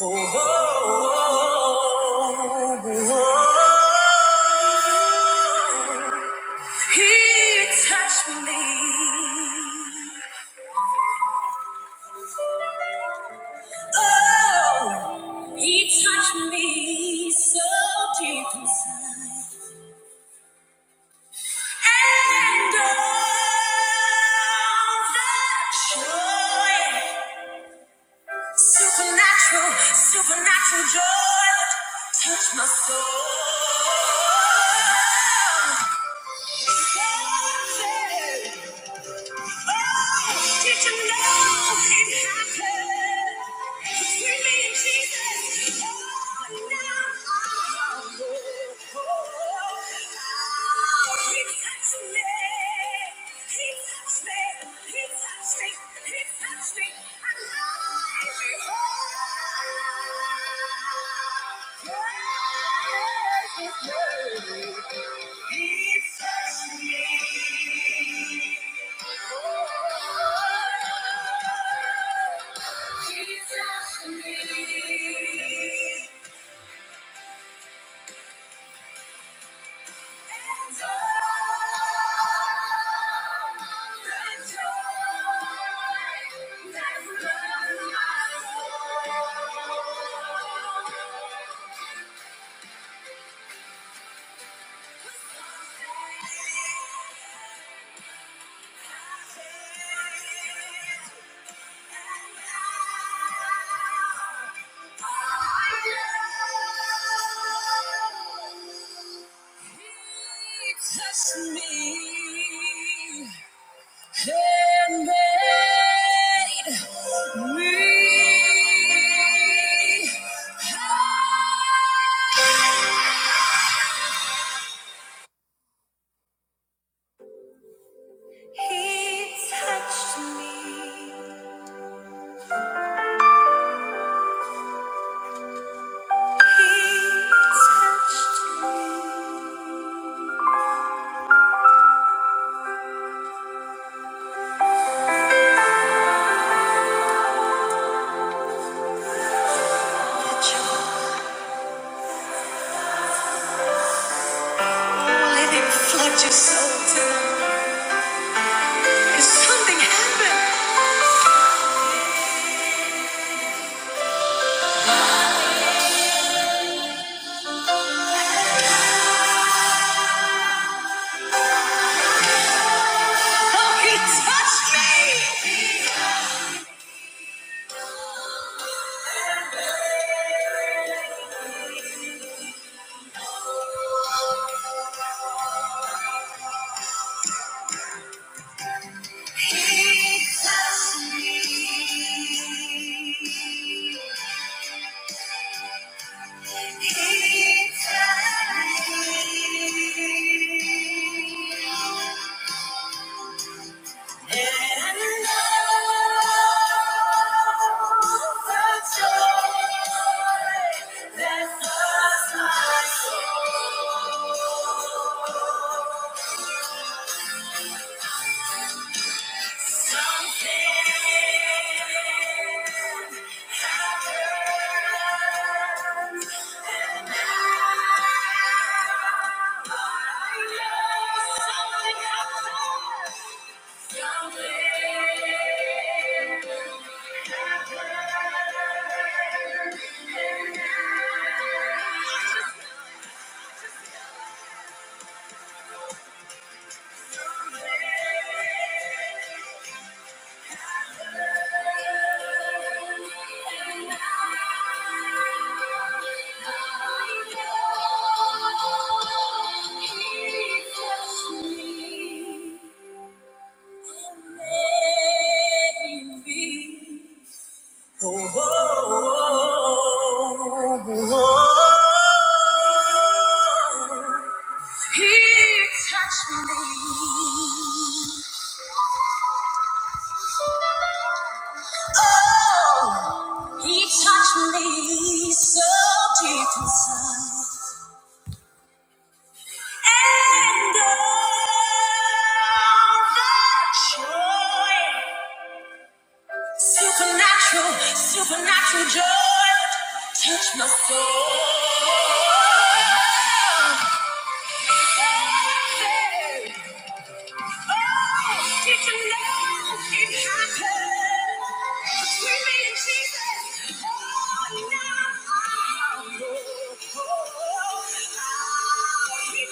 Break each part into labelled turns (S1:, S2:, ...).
S1: Oh, oh, oh, oh, oh. He touched me. Oh, he touched me so deep inside. Supernatural, supernatural joy touch my soul. Oh, did you know it happened between me and Jesus? Oh, now I know. Oh, he touched me. He touched me. He touched me. He touched me. I'm alive. Praise his name. He touched me. Thank you. He Touched me and made me. He touched me. He touched me. Let it flood your soul tonight. 'Cause something happened. Oh, he touched me! He touched me. He touched me. Something happened. Something. Oh, oh, oh, oh. He touched me. Oh, he touched me so deep inside. And all the joy, supernatural, supernatural joy, touch my soul. Hey, hey. Did you know it happened between me and Jesus? Oh, now I know. Oh, he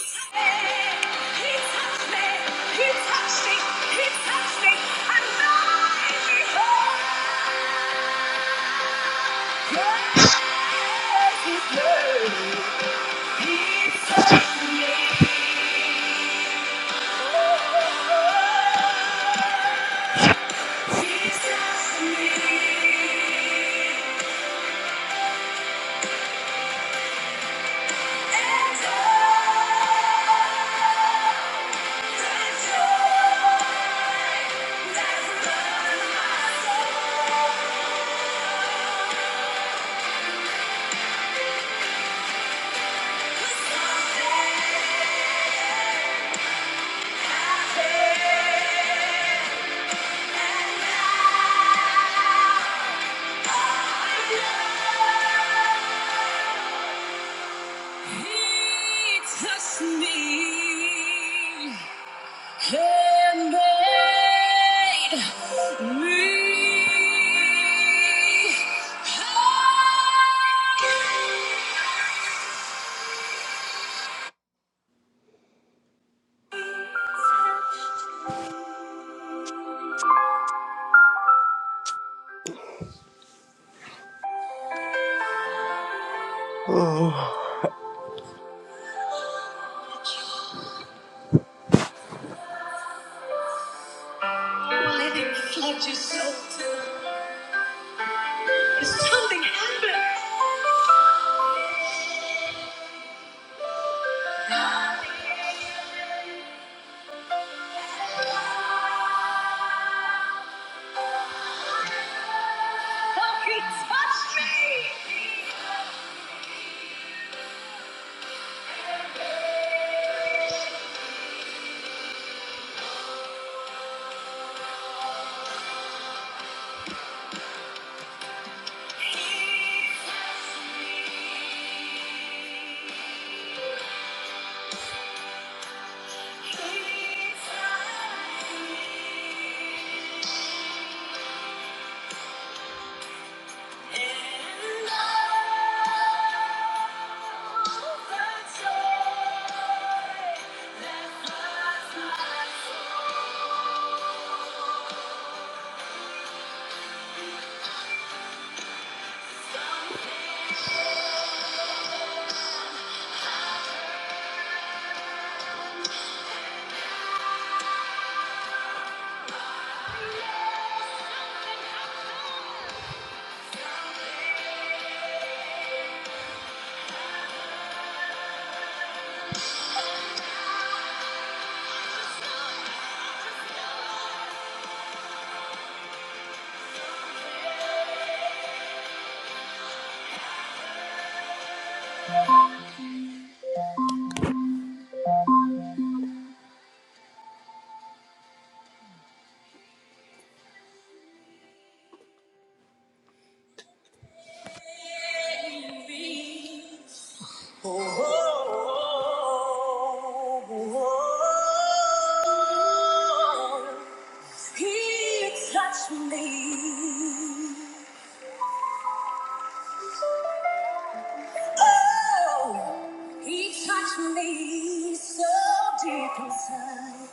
S1: touched me. He touched me. He touched me. He touched me. And I behold, yes, he touched me. He touched me. Oh, oh, oh. He touched me. and made me whole.
S2: Mm.
S1: Why did flood your soul? Did something happen? Oh, he touched me. He touched me. He touched me. And I Me so deep inside,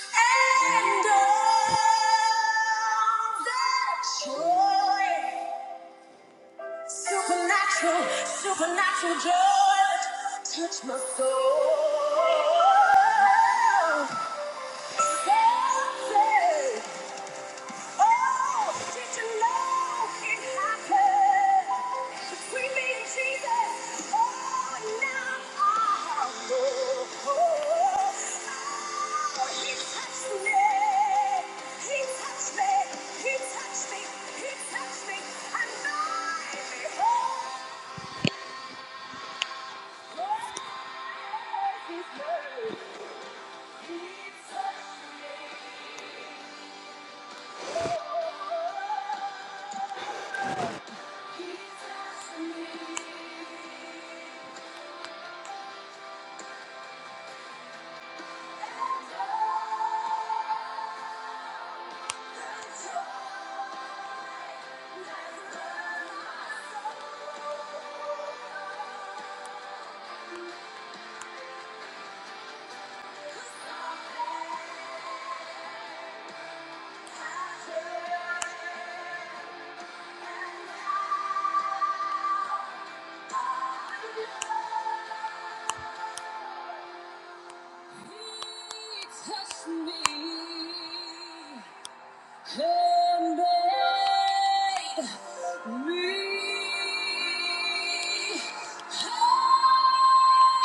S1: and all that joy Supernatural, supernatural joy touch my soul. Something, oh, did you know it happened between me and Jesus? Oh, now I know. Oh, he touched me. He touched me. He touched me. He touched me. And I behold. And made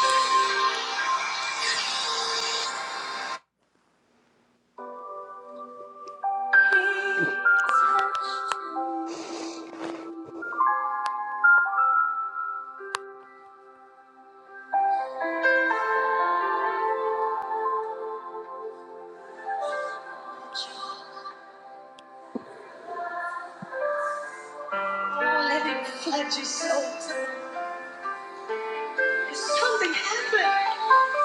S1: me Don't let him flood your soul. There's something happened.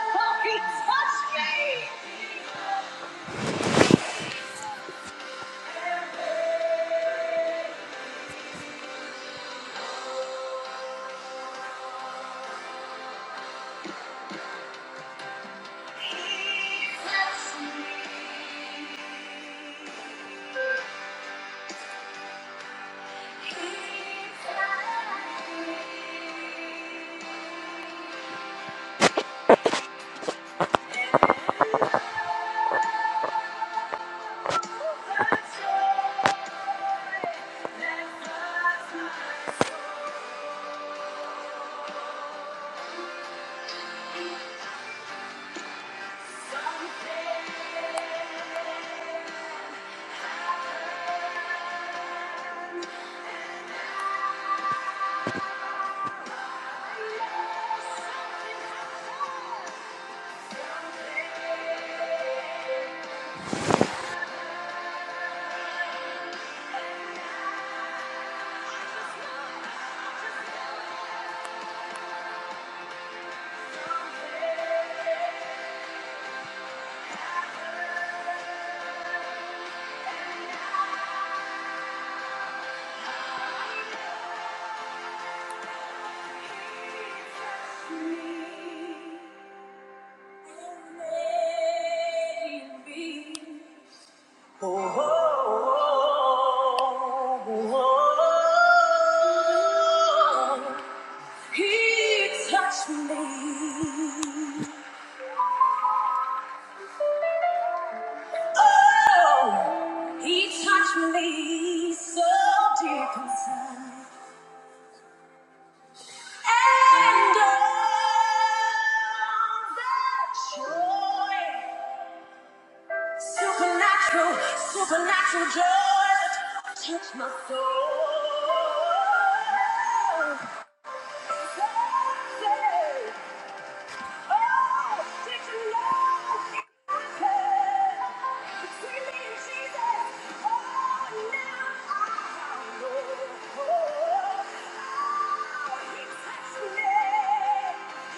S1: Oh, he touched me. He touched me. He touched me. And love overjoyed that floods my soul. Something touched me. Oh, oh, oh, oh. He touched me. Oh, he touched me so deep inside. And all the joy Supernatural, supernatural joy that touch my soul. Say, oh, did you know it can? Between me and Jesus, oh, now I know. Oh, he touched me.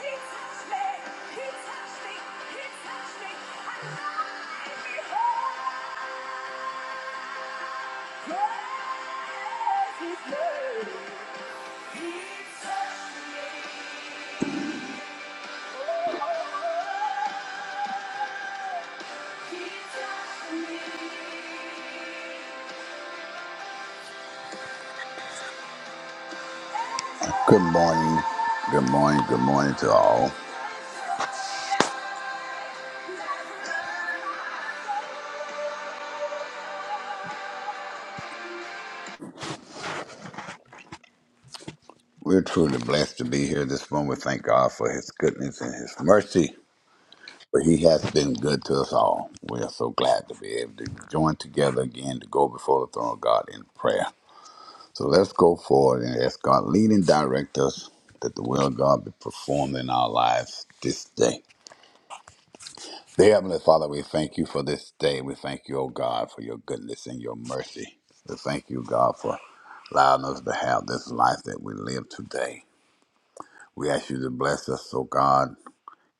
S1: He touched me. He touched me. He touched me. And I am Thank you.
S3: Good morning. Good morning. Good morning to all. We're truly blessed to be here this morning. We thank God for his goodness and his mercy, for he has been good to us all. We are so glad to be able to join together again to go before the throne of God in prayer. So let's go forward and ask God, lead and direct us that the will of God be performed in our lives this day. Dear Heavenly Father, we thank you for this day. We thank you, O God, for your goodness and your mercy. We thank you, God, for allowing us to have this life that we live today. We ask you to bless us, O God.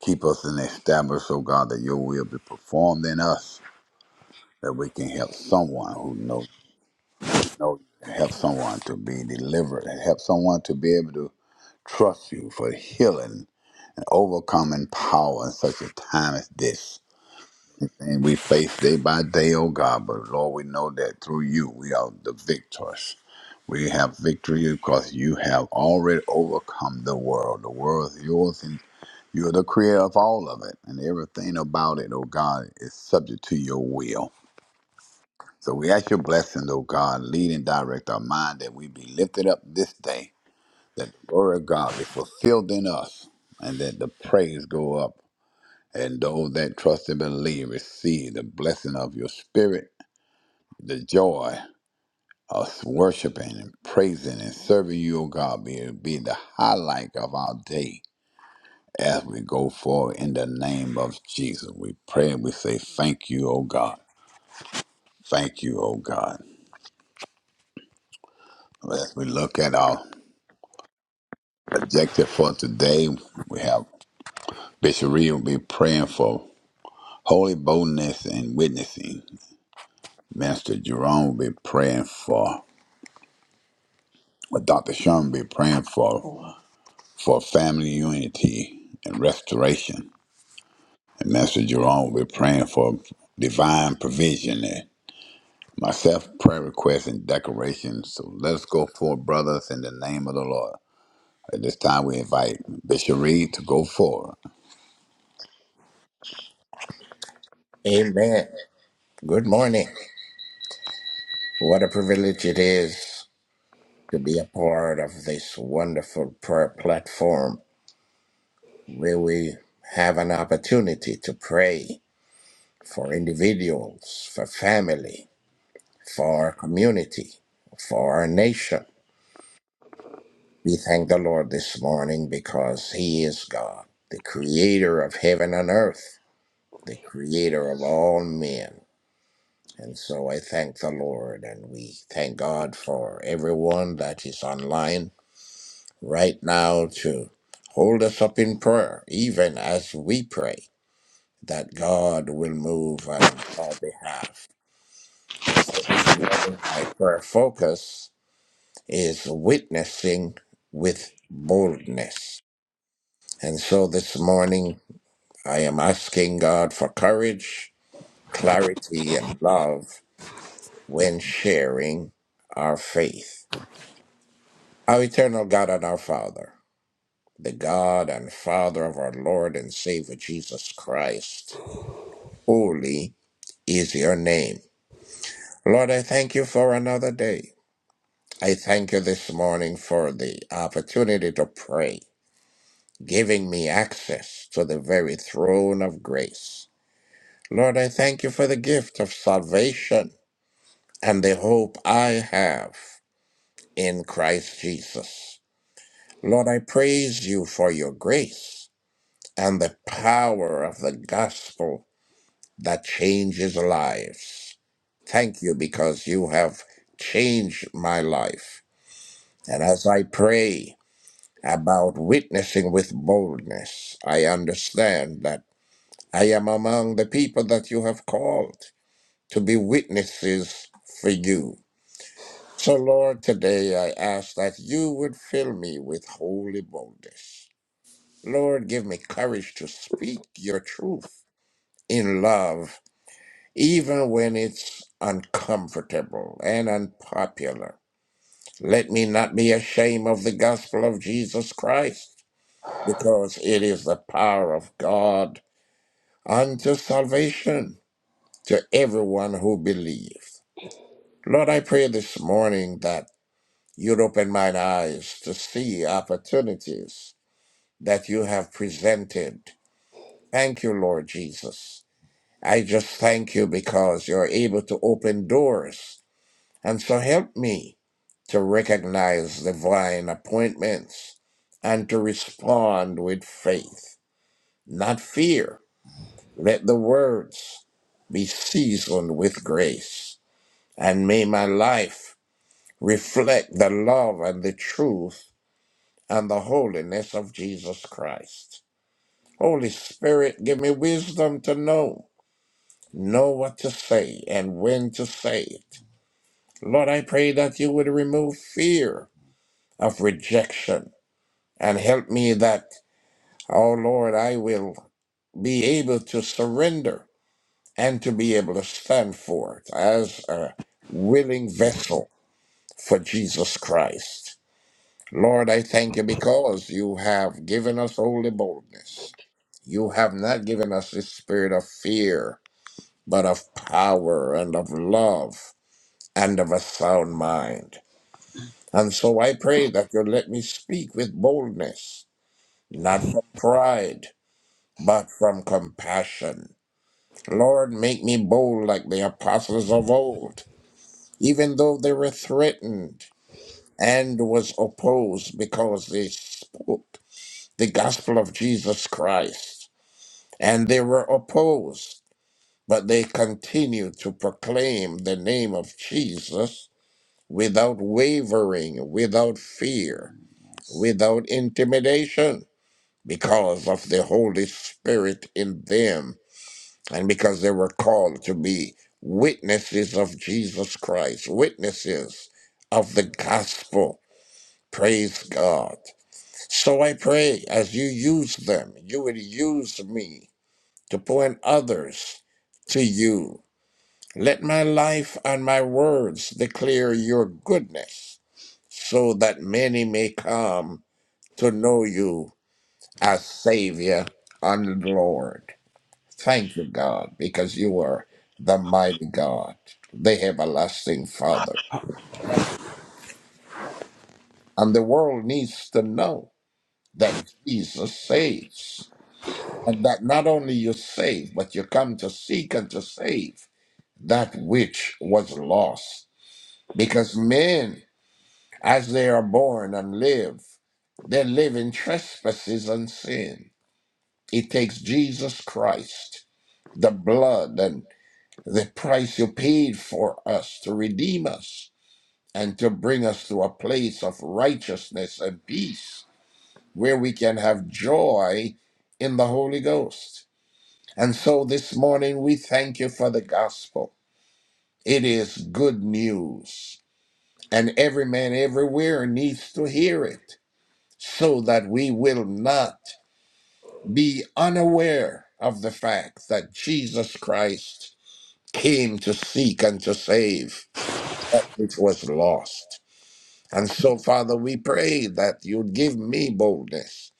S3: Keep us and establish, O God, that your will be performed in us, that we can help someone who knows, know know- help someone to be delivered, and help someone to be able to trust you for healing and overcoming power in such a time as this. And we face day by day, oh God. But Lord, we know that through you, we are the victors. We have victory because you have already overcome the world. The world is yours, and you're the creator of all of it. And everything about it, oh God, is subject to your will. So we ask your blessing, oh God, lead and direct our mind that we be lifted up this day, that the glory of God be fulfilled in us, and that the praise go up. And those that trust and believe receive the blessing of your spirit the joy of worshiping and praising and serving you, O God, be, be the highlight of our day as we go forward in the name of Jesus. We pray and we say, Thank you, O God. Thank you, O God. As we look at our objective for today, we have Bishop Reed will be praying for holy boldness and witnessing. Minister Jerome will be praying for, or Dr. Sherman will be praying for, for family unity and restoration. And Master Jerome, we're praying for divine provision and myself, prayer requests and decorations. So let us go forward, brothers, in the name of the Lord. At this time, we invite Bishop Reed to go forward.
S4: Amen. Good morning. What a privilege it is to be a part of this wonderful prayer platform where we have an opportunity to pray for individuals, for family, for our community, for our nation. We thank the Lord this morning because He is God, the creator of heaven and earth, the creator of all men. And so I thank the Lord and we thank God for everyone that is online right now to hold us up in prayer, even as we pray that God will move on our behalf. And so this morning, my prayer focus is witnessing with boldness. And so this morning, I am asking God for courage, clarity, and love when sharing our faith. Our eternal God and our Father, the God and Father of our Lord and Savior Jesus Christ, holy is your name. Lord, I thank you for another day. I thank you this morning for the opportunity to pray, giving me access to the very throne of grace. Lord, I thank you for the gift of salvation and the hope I have in Christ Jesus. Lord, I praise you for your grace. and the power of the gospel that changes lives. Thank you because you have changed my life. And as I pray about witnessing with boldness, I understand that I am among the people that you have called to be witnesses for you. So, Lord, today I ask that you would fill me with holy boldness. Lord, give me courage to speak your truth in love even when it's uncomfortable and unpopular. Let me not be ashamed of the gospel of Jesus Christ, because it is the power of God unto salvation to everyone who believes. Lord, I pray this morning that you'd open mine eyes to see opportunities that you have presented. Thank you, Lord Jesus. I just thank you because you're able to open doors And so help me to recognize divine appointments and to respond with faith, not fear. Let the words be seasoned with grace, and may my life reflect the love and the truth and the holiness of Jesus Christ. Holy Spirit, give me wisdom to know, know what to say and when to say it. Lord, I pray that you would remove fear of rejection. And help me that, oh Lord, I will be able to surrender and to be able to stand for it as a willing vessel for Jesus Christ. Lord, I thank you because you have given us holy boldness. You have not given us the spirit of fear, but of power and of love and of a sound mind. And so I pray that you let me speak with boldness, not from pride, but from compassion. Lord, make me bold like the apostles of old, even though they were threatened and was opposed because they spoke the gospel of Jesus Christ. And they were opposed, but they continued to proclaim the name of Jesus without wavering, without fear, without intimidation, because of the Holy Spirit in them and because they were called to be witnesses of Jesus Christ, witnesses of the gospel. Praise God. So I pray as you use them, you will use me to point others to you. Let my life and my words declare your goodness so that many may come to know you as Savior and Lord. Thank you, God, because you are the mighty God, the everlasting Father. And the world needs to know that Jesus saves. And that not only you save, but you come to seek and to save that which was lost. Because men, as they are born and live, they live in trespasses and sin. It takes Jesus Christ, the blood and the price you paid for us to redeem us and to bring us to a place of righteousness and peace where we can have joy in the Holy Ghost. And so this morning we thank you for the gospel. It is good news, and every man everywhere needs to hear it so that we will not be unaware of the fact that Jesus Christ came to seek and to save that which was lost. And so, Father, we pray that you give me boldness.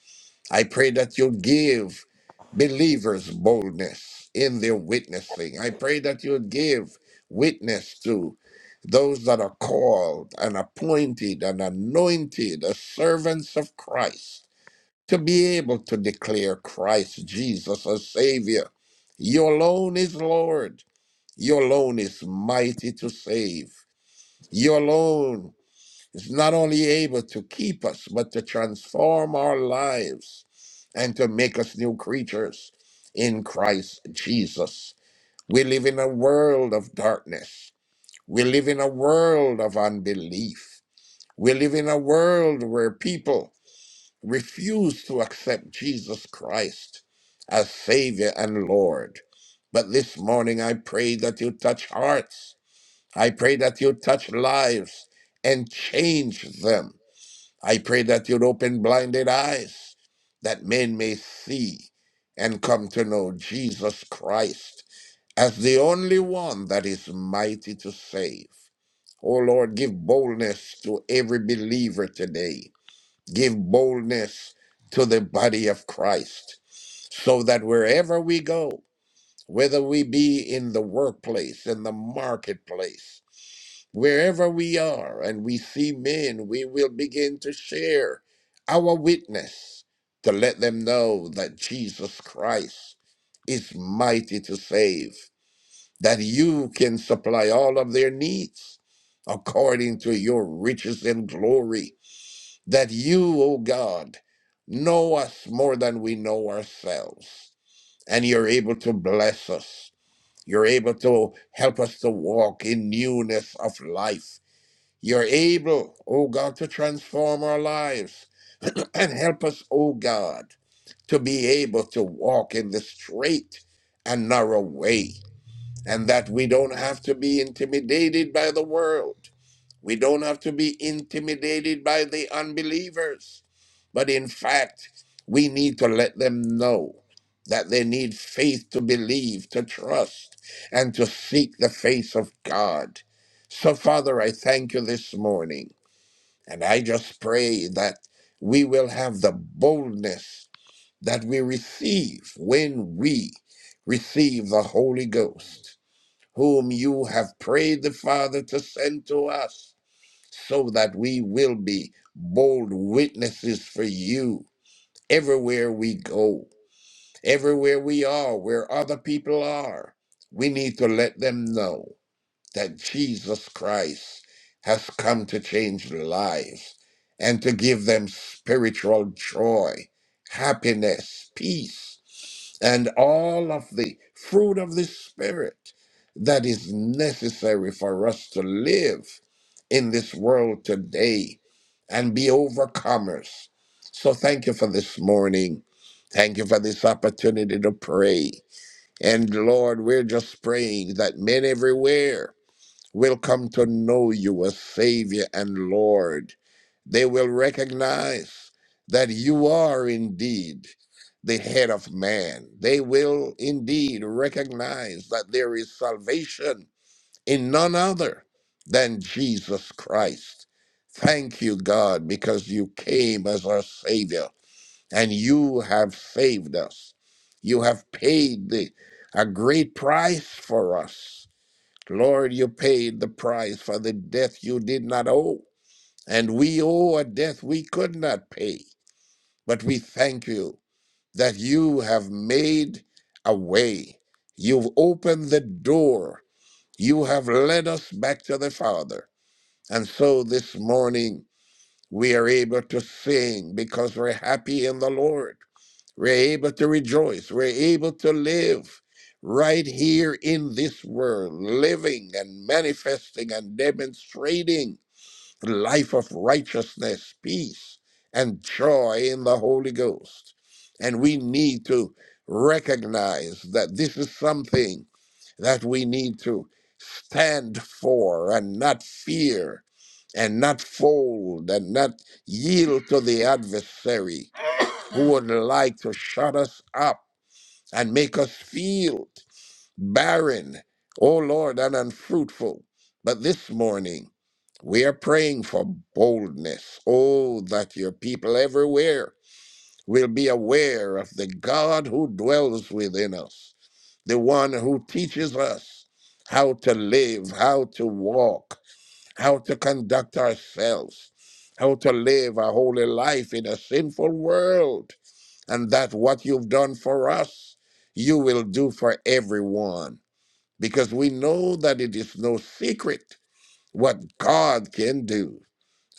S4: I pray that you give believers boldness in their witnessing. I pray that you give witness to those that are called and appointed and anointed as servants of Christ to be able to declare Christ Jesus as Savior. You alone is Lord. You alone is mighty to save. You alone is not only able to keep us, but to transform our lives and to make us new creatures in Christ Jesus. We live in a world of darkness. We live in a world of unbelief. We live in a world where people refuse to accept Jesus Christ as Savior and Lord. But this morning, I pray that you touch hearts. I pray that you touch lives and change them I pray that you'd open blinded eyes that men may see and come to know Jesus Christ as the only one that is mighty to save. Oh Lord, give boldness to every believer today. Give boldness to the body of Christ so that wherever we go, whether we be in the workplace, in the marketplace, Wherever we are and we see men, we will begin to share our witness to let them know that Jesus Christ is mighty to save, that you can supply all of their needs according to your riches and glory, that you, O God, know us more than we know ourselves, and you're able to bless us. You're able to help us to walk in newness of life you're able, O God, to transform our lives and help us, O God, to be able to walk in the straight and narrow way, and that we don't have to be intimidated by the world. We don't have to be intimidated by the unbelievers. But in fact, we need to let them know that they need faith to believe, to trust, and to seek the face of God. So, Father, I thank you this morning. And I just pray that we will have the boldness that we receive when we receive the Holy Ghost, whom you have prayed the Father to send to us, so that we will be bold witnesses for you everywhere we go, everywhere we are, where other people are. We need to let them know that Jesus Christ has come to change lives and to give them spiritual joy, happiness, peace, and all of the fruit of the Spirit that is necessary for us to live in this world today and be overcomers. So, thank you for this morning. Thank you for this opportunity to pray. And Lord, we're just praying that men everywhere will come to know you as Savior and Lord. They will recognize that you are indeed the head of man. They will indeed recognize that there is salvation in none other than Jesus Christ. Thank you, God, because you came as our Savior and you have saved us. You have paid the, a great price for us Lord, you paid the price for the death you did not owe. And we owe a death we could not pay. But we thank you that you have made a way. You've opened the door. You have led us back to the Father. And so this morning we are able to sing because we're happy in the Lord. We're able to rejoice. We're able to live right here in this world, living and manifesting and demonstrating the life of righteousness, peace, and joy in the Holy Ghost. And we need to recognize that this is something that we need to stand for and not fear and not fold and not yield to the adversary who would like to shut us up and make us feel barren, oh Lord, and unfruitful. But this morning, we are praying for boldness. Oh, that your people everywhere will be aware of the God who dwells within us, the one who teaches us how to live, how to walk, how to conduct ourselves, how to live a holy life in a sinful world and that what you've done for us, you will do for everyone. Because we know that it is no secret what God can do.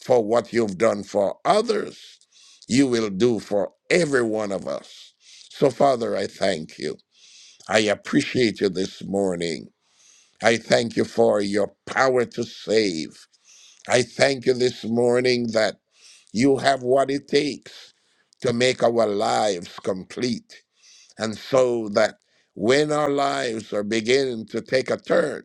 S4: For what you've done for others, you will do for every one of us. So, Father, I thank you. I appreciate you this morning. I thank you for your power to save. I thank you this morning that you have what it takes to make our lives complete and so that when our lives are beginning to take a turn,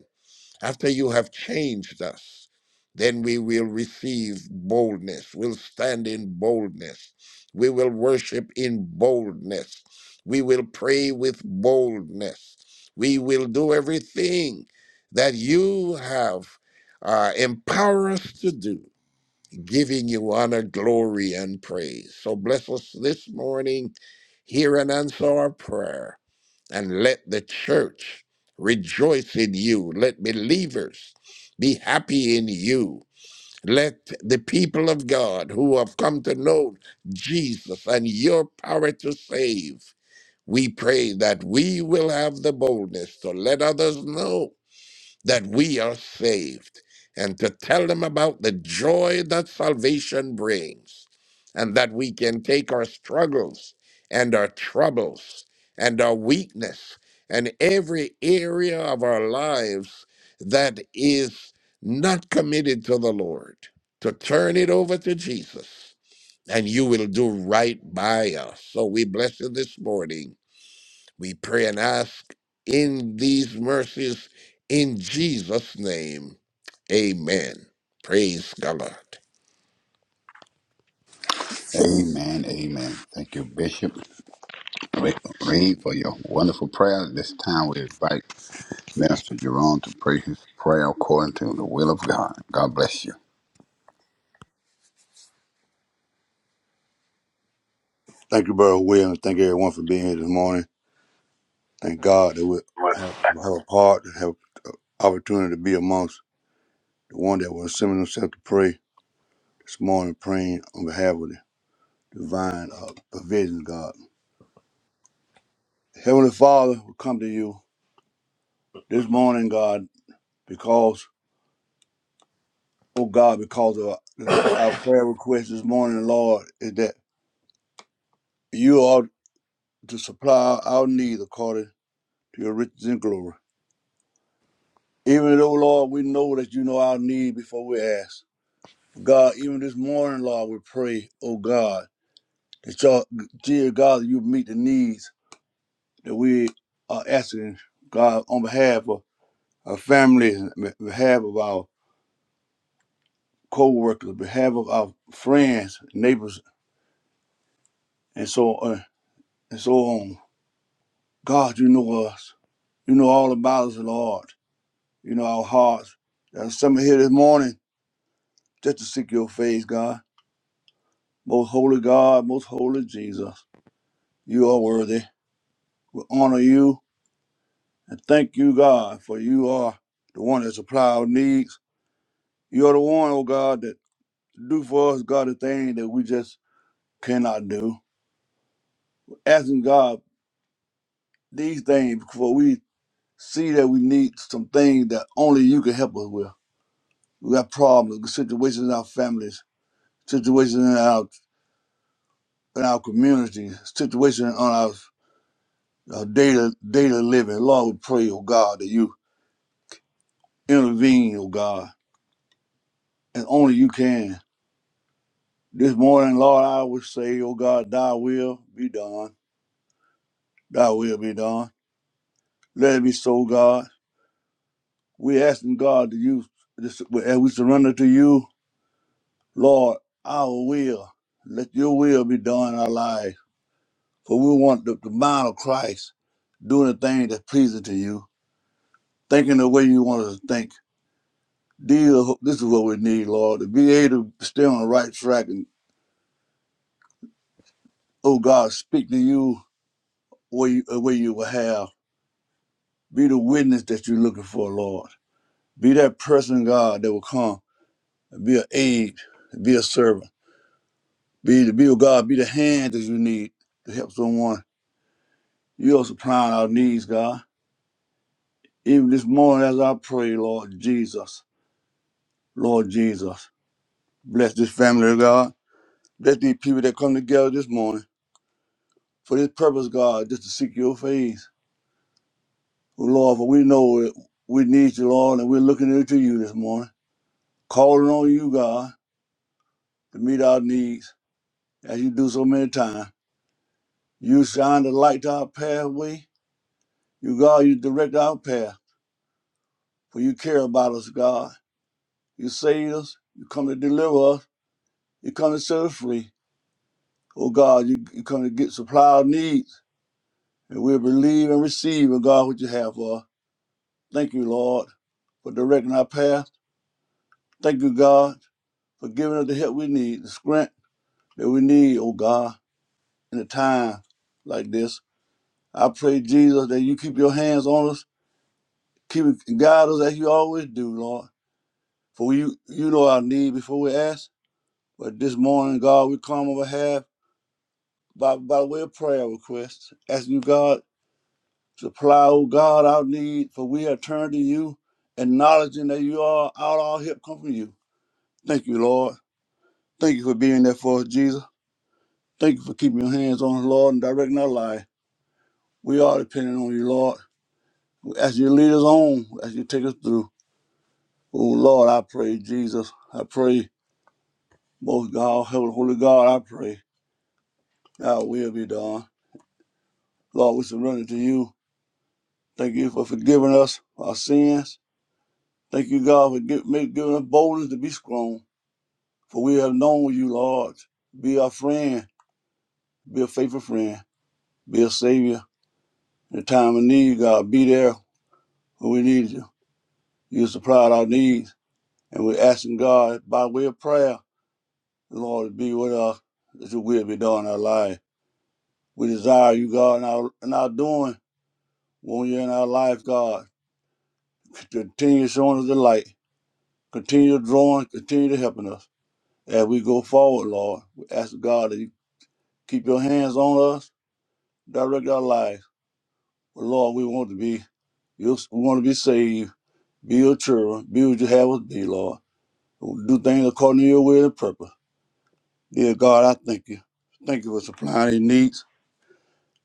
S4: after you have changed us, then we will receive boldness. We'll stand in boldness. We will worship in boldness. We will pray with boldness. We will do everything that you have uh, empowered us to do, giving you honor, glory, and praise. So bless us this morning. Hear and answer our prayer and let the church rejoice in you. Let believers be happy in you. Let the people of God who have come to know Jesus and your power to save, we pray that we will have the boldness to let others know that we are saved and to tell them about the joy that salvation brings and that we can take our struggles and our troubles and our weakness and every area of our lives that is not committed to the Lord to turn it over to Jesus and you will do right by us. So we bless you this morning we pray and ask in these mercies in Jesus' name. Amen. Praise God.
S3: Amen. Amen. Thank you, Bishop Reed, for your wonderful prayer. At this time, we invite Master Jerome to pray his prayer according to the will of God. God bless you.
S5: Thank you, Brother Williams. Thank everyone for being here this morning. Thank God that we have, have a heart and have opportunity to be amongst the one that will assemble themselves to pray this morning, praying on behalf of the divine uh, provision, God. Heavenly Father, we come to you this morning, God, because, oh God, because of our our prayer request this morning, Lord, is that you are to supply our need according to your riches and glory. Even though, Lord, we know that you know our need before we ask. God, even this morning, Lord, we pray, oh God, that y'all, dear God, that you meet the needs that we are asking, God, on behalf of our families, on behalf of our co-workers, on behalf of our friends, neighbors, and so on and so on. God, you know us. You know all about us, Lord. You know our hearts. There's some here this morning just to seek your face, God. Most holy God, most holy Jesus. You are worthy. We honor you. And thank you, God, for you are the one that supply our needs. You're the one, oh God, that do for us, God, the thing that we just cannot do. Asking God these things before we see that we need some things that only you can help us with. We got problems, situations in our families, situations in our in our communities, situations on our, our daily daily living. Lord, we pray, oh God, that you intervene, oh God, and only you can. This morning, Lord, I would say, oh God, thy will be done. Thy will be done. Let it be so, God. We asking God to you, this, as we surrender to you, Lord, our will. Let your will be done in our lives. For we want the, the mind of Christ doing the thing that's pleasing to you, thinking the way you want us to think. Deal, this is what we need, Lord, to be able to stay on the right track and, oh God, speak to you where you, uh, where you will have. Be the witness that you're looking for, Lord. Be that person, God, that will come and be an aid, be a servant, be the be of God, be the hand that you need to help someone. You are supplying our needs, God. Even this morning, as I pray, Lord Jesus, Lord Jesus, bless this family, God. Bless these people that come together this morning for this purpose, God, just to seek your face. Oh, Lord, for we know it. We need you, Lord, and we're looking into you this morning, calling on you, God, to meet our needs as you do so many times. You shine the light to our pathway. You, God, you direct our path, for you care about us, God. You save us. You come to deliver us. You come to set us free. Oh, God, you, you come to get supply our needs, and we'll believe and receive, oh, God, what you have for us. Thank you, Lord, for directing our path. Thank you, God, for giving us the help we need, the strength that we need, oh, God, in a time like this. I pray, Jesus, that you keep your hands on us, keep and guide us as you always do, Lord. For you, you know our need before we ask. But this morning, God, we come on behalf by, by way of prayer requests, asking you, God, to supply, oh God, our need, for we have turned to you, acknowledging that you are out all help come from you. Thank you, Lord. Thank you for being there for us, Jesus. Thank you for keeping your hands on us, Lord, and directing our life. We are dependent on you, Lord. As you lead us on, as you take us through. Oh Lord, I pray, Jesus. I pray, most God, Holy Holy God, I pray. Thy will be done. Lord, we surrender to you. Thank you for forgiving us our sins. Thank you, God, for gi- make- giving us boldness to be strong. For we have known you, Lord. Be our friend. Be a faithful friend. Be a savior. In the time of need, God, be there when we need you. You supplied our needs. And we're asking God, by way of prayer, Lord, be with us that your will be done in our life. We desire you, God, in our, in our doing. When you're in our life, God, continue showing us the light Continue drawing, continue to helping us as we go forward, Lord. We ask God that you keep your hands on us, direct our lives. But Lord, we want to be you we want to be saved, be your children, be what you have us be, Lord. Do things according to your will and purpose. Dear God, I thank you. Thank you for supplying these needs.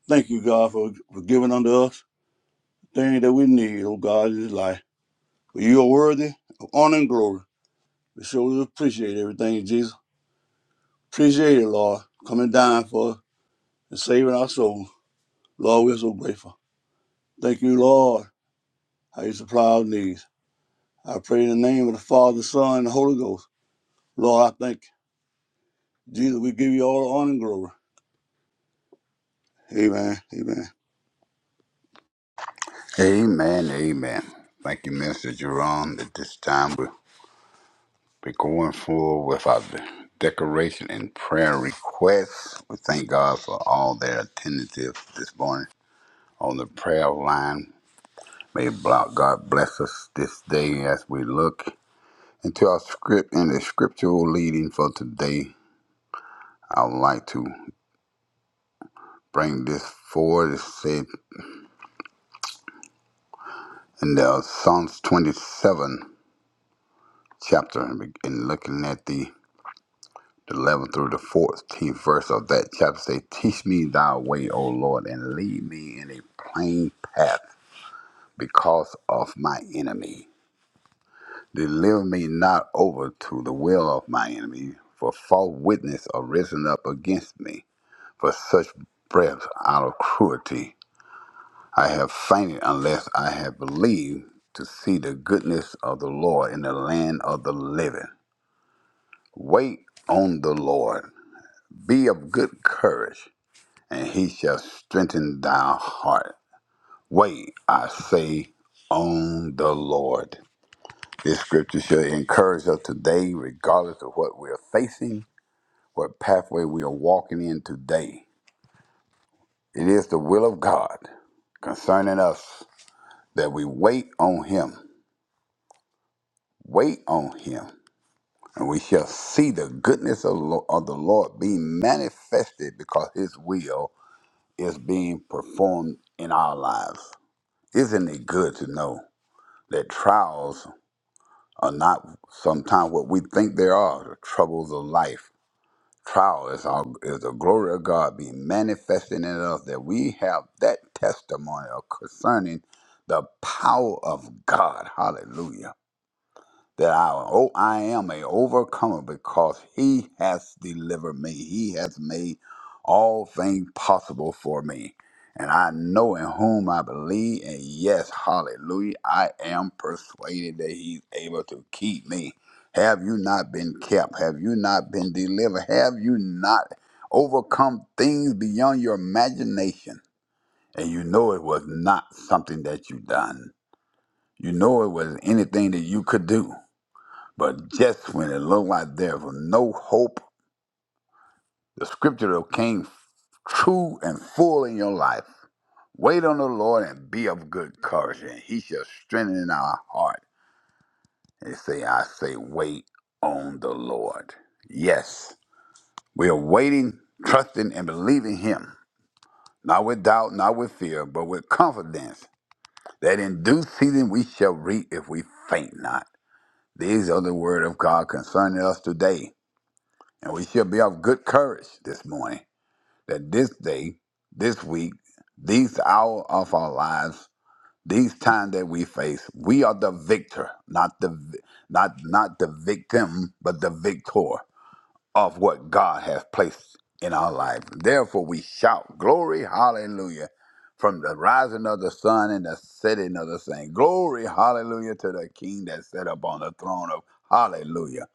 S5: Thank you, God, for, for giving unto us the things that we need, oh God, in this life. For you are worthy of honor and glory. We surely appreciate everything, Jesus. Appreciate it, Lord. Coming down for us and saving our soul. Lord, we're so grateful. Thank you, Lord, how you supply our needs. I pray in the name of the Father, the Son, and the Holy Ghost. Lord, I thank you. Jesus, we give you all the honor and glory. Amen. Amen.
S3: Amen. Amen. Thank you, Mister Jerome. At this time, We're going forward with our decoration and prayer requests. We thank God for all their attendance this morning on the prayer line. May block God bless us this day as we look into our script and the scriptural leading for today. I would like to bring this forward. It said in the Psalms 27 chapter and looking at the the 11th through the 14th verse of that chapter say, Teach me thy way, O Lord, and lead me in a plain path because of my enemy. Deliver me not over to the will of my enemy, for false witness are risen up against me. For such breath out of cruelty I have fainted unless I have believed to see the goodness of the Lord in the land of the living. Wait on the Lord. Be of good courage and he shall strengthen thy heart. Wait, I say, on the Lord. This scripture should encourage us today, regardless of what we're facing, what pathway we are walking in today. It is the will of God concerning us that we wait on Him. Wait on Him, and we shall see the goodness of Lo- of the Lord being manifested because His will is being performed in our lives. Isn't it good to know? that trials are not sometimes what we think they are the troubles of life trial is our is the glory of god being manifested in us that we have that testimony of concerning the power of god hallelujah that I oh I am a overcomer because he has delivered me. He has made all things possible for me. And I know in whom I believe, and yes, hallelujah, I am persuaded that he's able to keep me. Have you not been kept? Have you not been delivered? Have you not overcome things beyond your imagination? And you know it was not something that you done. You know it was anything that you could do but just when it looked like there was no hope, the scripture that came true and full in your life. Wait on the Lord and be of good courage, and he shall strengthen our heart. They say, I say, wait on the Lord. Yes, we are waiting, trusting, and believing him, not with doubt, not with fear, but with confidence that in due season we shall reap if we faint not. These are the word of God concerning us today. And we shall be of good courage this morning that this day, this week, these hour of our lives, these times that we face, we are the victor, not the vi- not not the victim, but the victor of what God has placed in our life. Therefore we shout glory, hallelujah, from the rising of the sun and the setting of the same. Glory, hallelujah to the King that sat upon the throne of hallelujah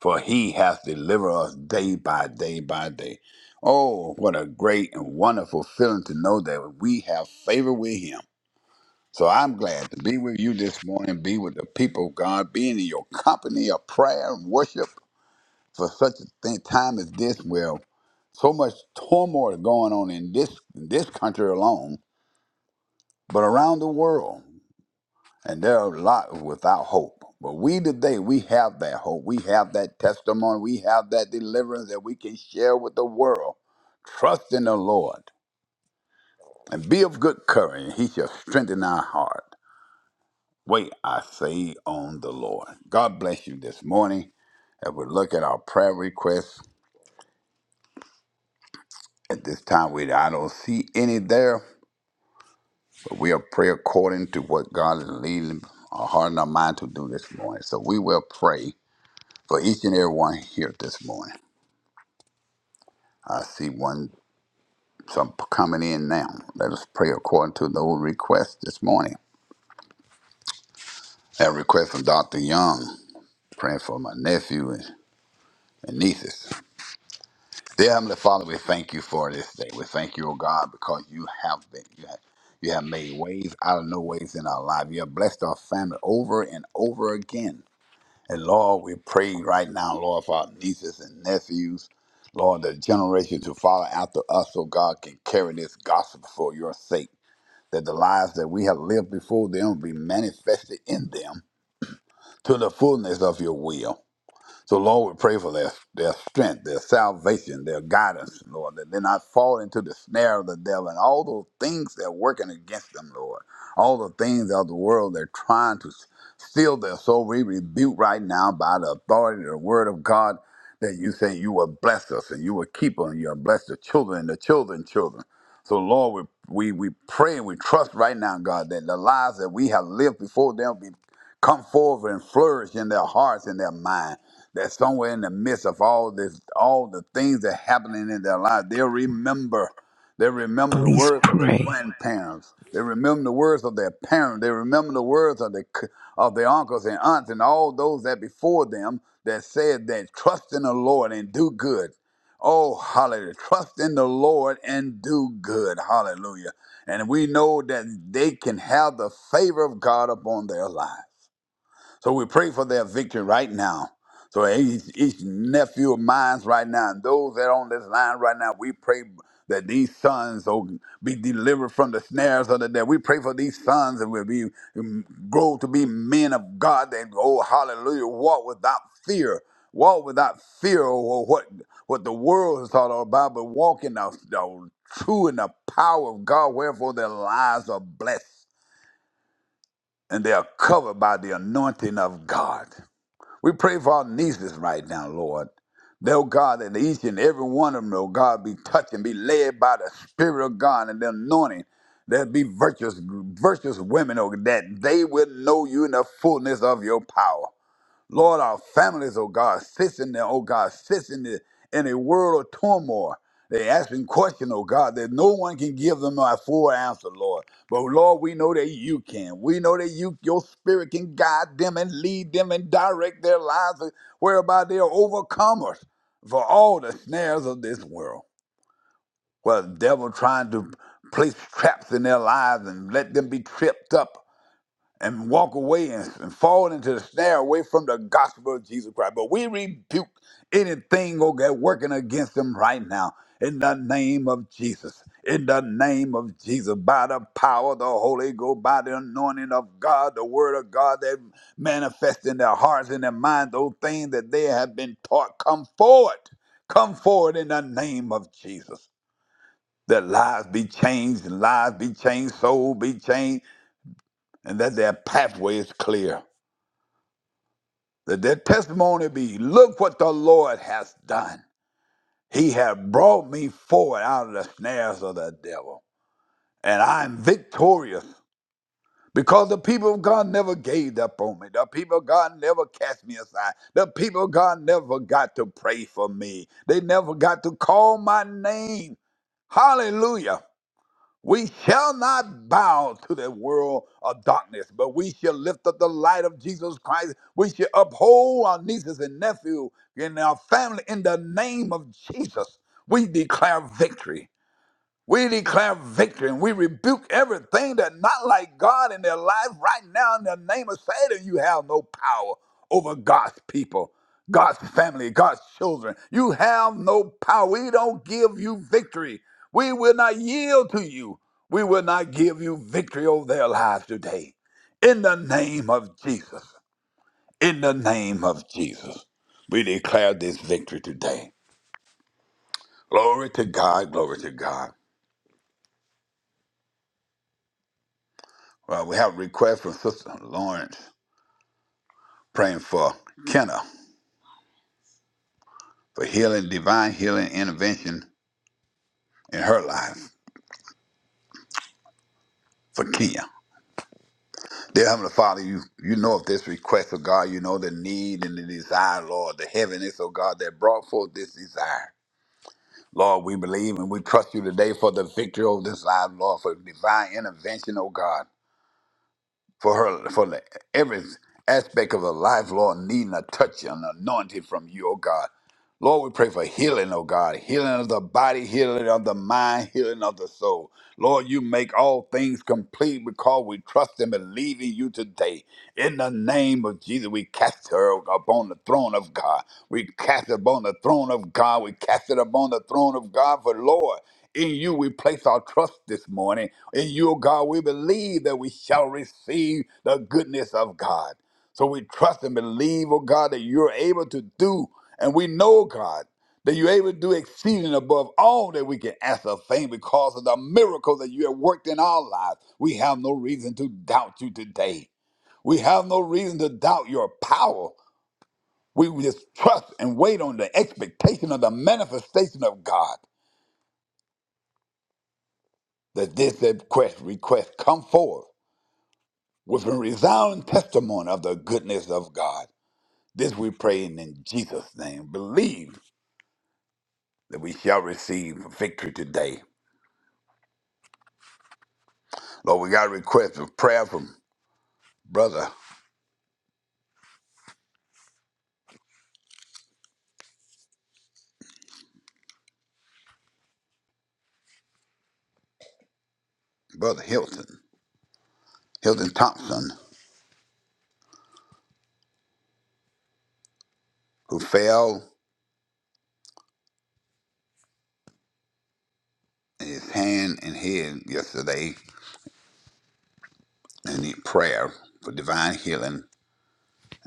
S3: for he hath delivered us day by day by day. Oh, what a great and wonderful feeling to know that we have favor with him. So I'm glad to be with you this morning, be with the people of God, being in your company of prayer and worship for such a thing, time as this, where so much turmoil is going on in this in this country alone, but around the world. And there are a lot without hope. But we today, we have that hope. We have that testimony. We have that deliverance that we can share with the world. Trust in the Lord and be of good courage, and he shall strengthen our heart. Wait, I say, on the Lord. God bless you this morning. As we look at our prayer requests, at this time, we I don't see any there, but we are pray according to what God is leading our heart and our mind to do this morning. So we will pray for each and every one here this morning. I see one some coming in now. Let us pray according to those requests this morning. That request from Dr. Young, praying for my nephew and, and nieces. Dear Heavenly Father, we thank you for this day. We thank you, O God, because you have been. You have, you have made ways out of no ways in our life. You have blessed our family over and over again. And Lord, we pray right now, Lord, for our nieces and nephews. Lord, the generation to follow after us, so God can carry this gospel for your sake. That the lives that we have lived before them be manifested in them to the fullness of your will. So, Lord, we pray for their, their strength, their salvation, their guidance, Lord, that they not fall into the snare of the devil and all those things that are working against them, Lord. All the things of the world they're trying to s- steal their soul, we rebuke right now by the authority of the word of God that you say you will bless us and you will keep us and you will bless the children and the children's children. So, Lord, we, we, we pray and we trust right now, God, that the lives that we have lived before them come forward and flourish in their hearts and their mind. That somewhere in the midst of all this, all the things that happening in their life, they'll remember. They remember the
S6: Please
S3: words of their
S6: pray
S3: grandparents. They remember the words of their parents. They remember the words of their c- of their uncles and aunts and all those that before them that said that trust in the Lord and do good. Oh, hallelujah. Trust in the Lord and do good. Hallelujah. And we know that they can have the favor of God upon their lives. So we pray for their victory right now. So each, each nephew of mine right now, and those that are on this line right now, we pray that these sons will be delivered from the snares of the devil. We pray for these sons and will be um, grow to be men of God that oh hallelujah, walk without fear. Walk without fear or what what the world is all about, but walk in the, the true and the power of God, wherefore their lives are blessed and they are covered by the anointing of God. We pray for our nieces right now, Lord. That, Oh God, that each and every one of them, oh God, be touched and be led by the Spirit of God and the anointing. There be virtuous, virtuous women, oh, that they will know you in the fullness of your power. Lord, our families, oh God, sits in there, oh God, sits in the in a world of turmoil. They asking questions, oh God, that no one can give them a full answer, Lord. But Lord, we know that you can. We know that you your spirit can guide them and lead them and direct their lives whereby they are overcomers for all the snares of this world. Well, the devil trying to place traps in their lives and let them be tripped up and walk away and, and fall into the snare away from the gospel of Jesus Christ. But we rebuke anything okay, working against them right now in the name of Jesus. In the name of Jesus, by the power of the Holy Ghost, by the anointing of God, the word of God that manifests in their hearts and their minds, those things that they have been taught, come forward. Come forward in the name of Jesus. That lives be changed, lives be changed, soul be changed, and that their pathway is clear Let that their testimony be look what the lord has done he hath brought me forward out of the snares of the devil and i'm victorious because the people of god never gave up on me the people of god never cast me aside the people of god never got to pray for me they never got to call my name hallelujah we shall not bow to the world of darkness, but we shall lift up the light of Jesus Christ. We shall uphold our nieces and nephews and our family in the name of Jesus. We declare victory. We declare victory and we rebuke everything that's not like God in their life right now in the name of Satan. You have no power over God's people, God's family, God's children. You have no power. We don't give you victory. We will not yield to you. We will not give you victory over their lives today. In the name of Jesus. In the name of Jesus. We declare this victory today. Glory to God. Glory to God. Uh, we have a request from Sister Lawrence praying for Kenna for healing, divine healing intervention in her life for Kenya. Dear Heavenly Father, you, you know of this request of God. You know the need and the desire, Lord, the heaviness of God that brought forth this desire. Lord, we believe and we trust you today for the victory of this life, Lord, for divine intervention, oh God, for her, for the, every aspect of her life, Lord, needing a touch and anointing from you, oh God. Lord, we pray for healing, oh God, healing of the body, healing of the mind, healing of the soul. Lord, you make all things complete because we trust and believe in you today. In the name of Jesus, we cast her upon the throne of God. We cast it upon the throne of God. We cast it upon the throne of God. For Lord, in you we place our trust this morning. In you, oh God, we believe that we shall receive the goodness of God. So we trust and believe, oh God, that you're able to do. And we know, God, that you're able to do exceeding above all that we can ask or think because of the miracles that you have worked in our lives. We have no reason to doubt you today. We have no reason to doubt your power. We just trust and wait on the expectation of the manifestation of God that this request, request come forth with a resounding testimony of the goodness of God. This we pray in Jesus' name. Believe that we shall receive victory today. Lord, we got a request of prayer from brother, brother Hilton, Hilton Thompson, who fell in his hand and head yesterday and need prayer for divine healing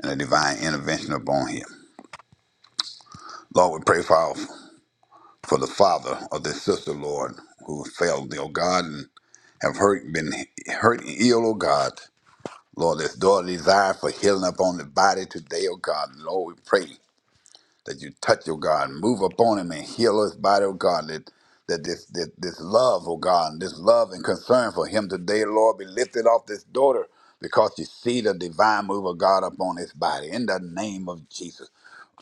S3: and a divine intervention upon him. Lord, we pray for, our, for the father of this sister, Lord, who fell, oh God, and have hurt, been hurt and ill, oh God. Lord, this daughter desire for healing upon the body today, oh God. Lord, we pray. that you touch, oh God, move upon him and heal his body, oh God, that, that this, this this love, oh God, this love and concern for him today, Lord, be lifted off this daughter because you see the divine move of God upon his body in the name of Jesus.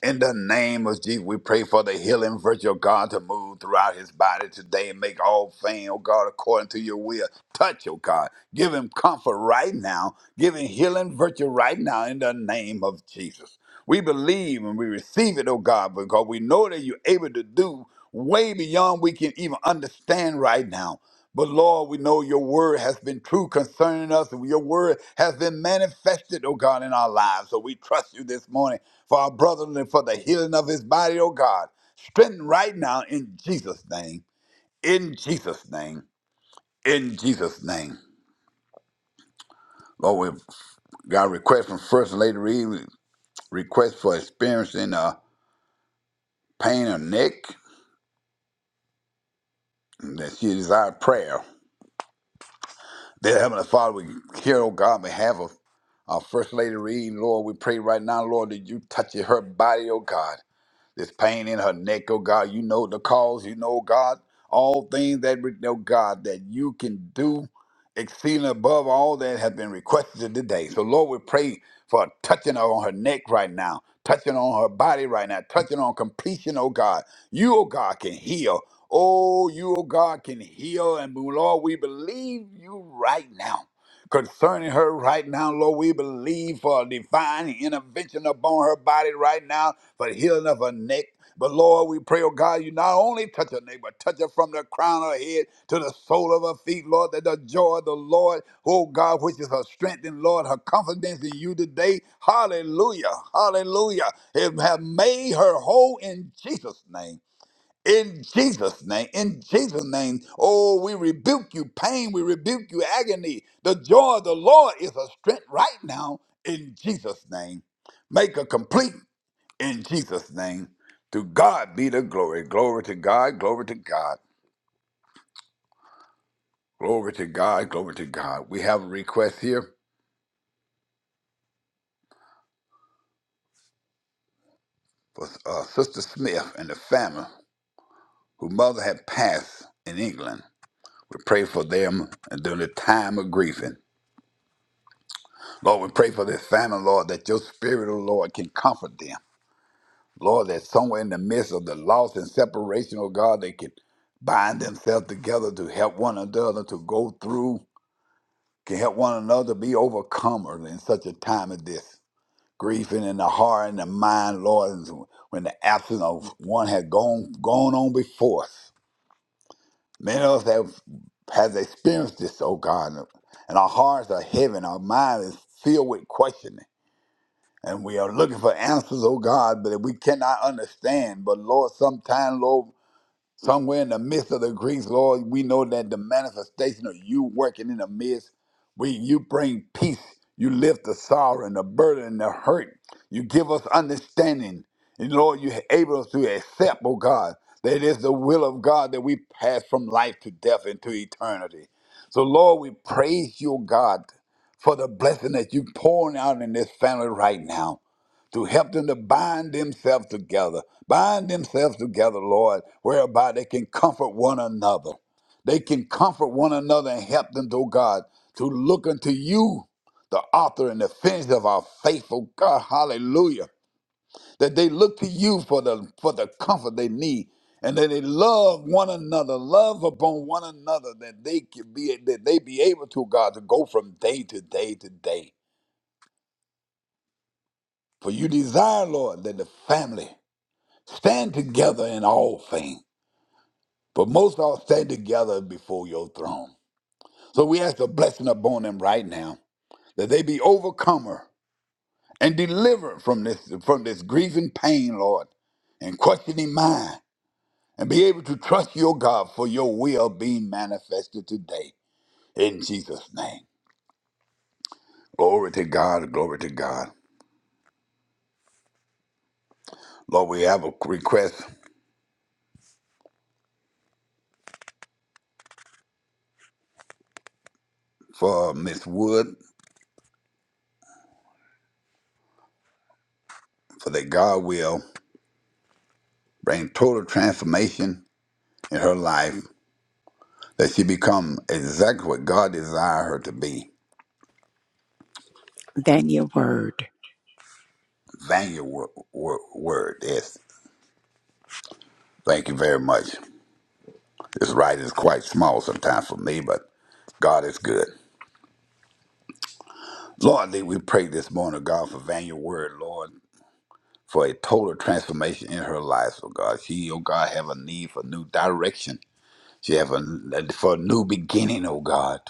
S3: In the name of Jesus, we pray for the healing virtue of God to move throughout his body today and make all things, oh God, according to your will. Touch, oh God. Give him comfort right now. Give him healing virtue right now in the name of Jesus. We believe and we receive it, oh God, because we know that you're able to do way beyond we can even understand right now. But Lord, we know your word has been true concerning us. and Your word has been manifested, oh God, in our lives. So we trust you this morning for our brother and for the healing of his body, oh God. Strengthen right now in Jesus' name. In Jesus' name. In Jesus' name. Lord, we got a request from First Lady Reed, request for experiencing uh, pain or neck, and that she desired prayer. Dear Heavenly Father, we here, oh God, on behalf of our First Lady Reed, Lord, we pray right now, Lord, that you touch her body, oh God. This pain in her neck, oh God, you know the cause, you know, God, all things that, re- oh God, that you can do exceeding above all that have been requested today. So, Lord, we pray for touching on her neck right now, touching on her body right now, touching on completion, oh God. You, oh God, can heal. Oh, you, oh God, can heal. And Lord, we believe you right now concerning her right now, Lord. We believe for a divine intervention upon her body right now for healing of her neck. But Lord, we pray, oh God, you not only touch her neck, but touch her from the crown of her head to the sole of her feet, Lord, that the joy of the Lord, oh God, which is her strength and Lord, her confidence in you today. Hallelujah. Hallelujah. It have made her whole in Jesus' name. In Jesus' name, in Jesus' name, oh, we rebuke you, pain, we rebuke you, agony. The joy of the Lord is a strength right now in Jesus' name. Make a complete in Jesus' name. To God be the glory. Glory to God, glory to God, glory to God, glory to God. We have a request here for uh, Sister Smith and the family whose mother had passed in England. We pray for them during the time of grieving. Lord, we pray for this family, Lord, that your spirit, oh Lord, can comfort them. Lord, that somewhere in the midst of the loss and separation, oh God, they can bind themselves together to help one another to go through, can help one another be overcomers in such a time as this. Grieving in the heart and the mind, Lord, and so when the absence of one had gone gone on before us. Many of us have has experienced this, oh God, and our hearts are heavy, and our mind is filled with questioning. And we are looking for answers, oh God, but we cannot understand. But Lord, sometime, Lord, somewhere in the midst of the Greeks, Lord, we know that the manifestation of you working in the midst, we you bring peace, you lift the sorrow and the burden and the hurt. You give us understanding. And Lord, you able us to accept, oh God, that it is the will of God that we pass from life to death into eternity. So Lord, we praise you, oh God for the blessing that you're pouring out in this family right now to help them to bind themselves together. Bind themselves together, Lord, whereby they can comfort one another. They can comfort one another and help them, oh God, to look unto you, the author and the finisher of our faithful God. Hallelujah. That they look to you for the for the comfort they need. And that they love one another, love upon one another, that they can be that they be able to, God, to go from day to day to day. For you desire, Lord, that the family Stand together in all things, but most all stand together before your throne. So we ask a blessing upon them right now, that they be overcomer and delivered from this from this grief and pain, Lord, and questioning mind, and be able to trust your God for your will being manifested today. In Jesus' name. Glory to God, glory to God. Lord, we have a request for Miss Wood for that God will bring total transformation in her life that she become exactly what God desired her to be.
S6: that your word
S3: Thank you, wor- wor- word. Yes, thank you very much. This writing is quite small sometimes for me, but God is good. Lord, that we pray this morning, God, for Vanya Word, Lord, for a total transformation in her life, oh God. She, oh God, have a need for new direction. She have a for a new beginning, oh God.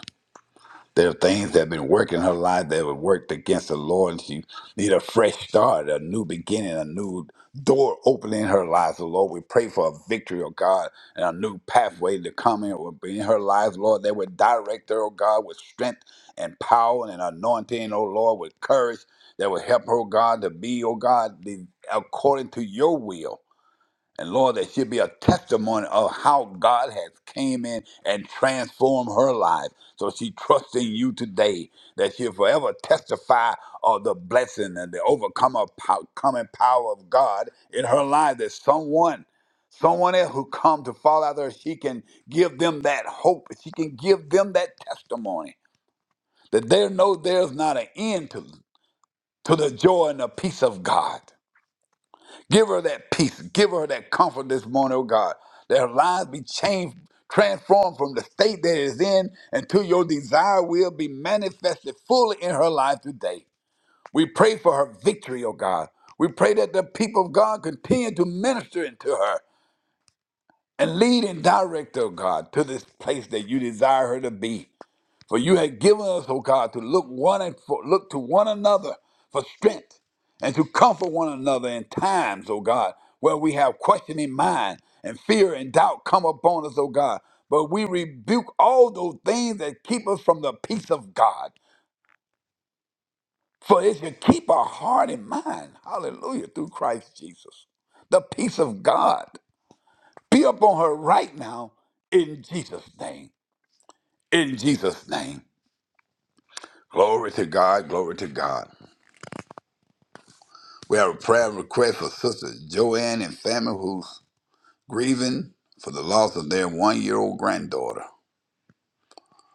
S3: There are things that have been working in her life that were worked against the Lord, and she need a fresh start, a new beginning, a new door opening in her life. So, Lord, we pray for a victory, oh God, and a new pathway to come in, will be in her life, Lord, that would direct her, oh God, with strength and power and anointing, oh Lord, with courage that would help her, oh God, to be, oh God, the, according to your will and Lord, there should be a testimony of how God has came in and transformed her life. So she trusts in you today that she'll forever testify of the blessing and the overcomer pow- coming power of God in her life. That someone, someone else who come to fall out there, she can give them that hope. She can give them that testimony that they know there's not an end to, to the joy and the peace of God. Give her that peace. Give her that comfort this morning, oh God. That her lives be changed, transformed from the state that it is in until your desire will be manifested fully in her life today. We pray for her victory, oh God. We pray that the people of God continue to minister into her and lead and direct, oh God, to this place that you desire her to be. For you had given us, O God, to look one and for, look to one another for strength and to comfort one another in times, O God, where we have questioning mind and fear and doubt come upon us, O God. But we rebuke all those things that keep us from the peace of God. For it should keep our heart and mind, hallelujah, through Christ Jesus. The peace of God be upon her right now in Jesus' name. In Jesus' name. Glory to God, glory to God. We have a prayer request for Sister Joanne and family who's grieving for the loss of their one year old granddaughter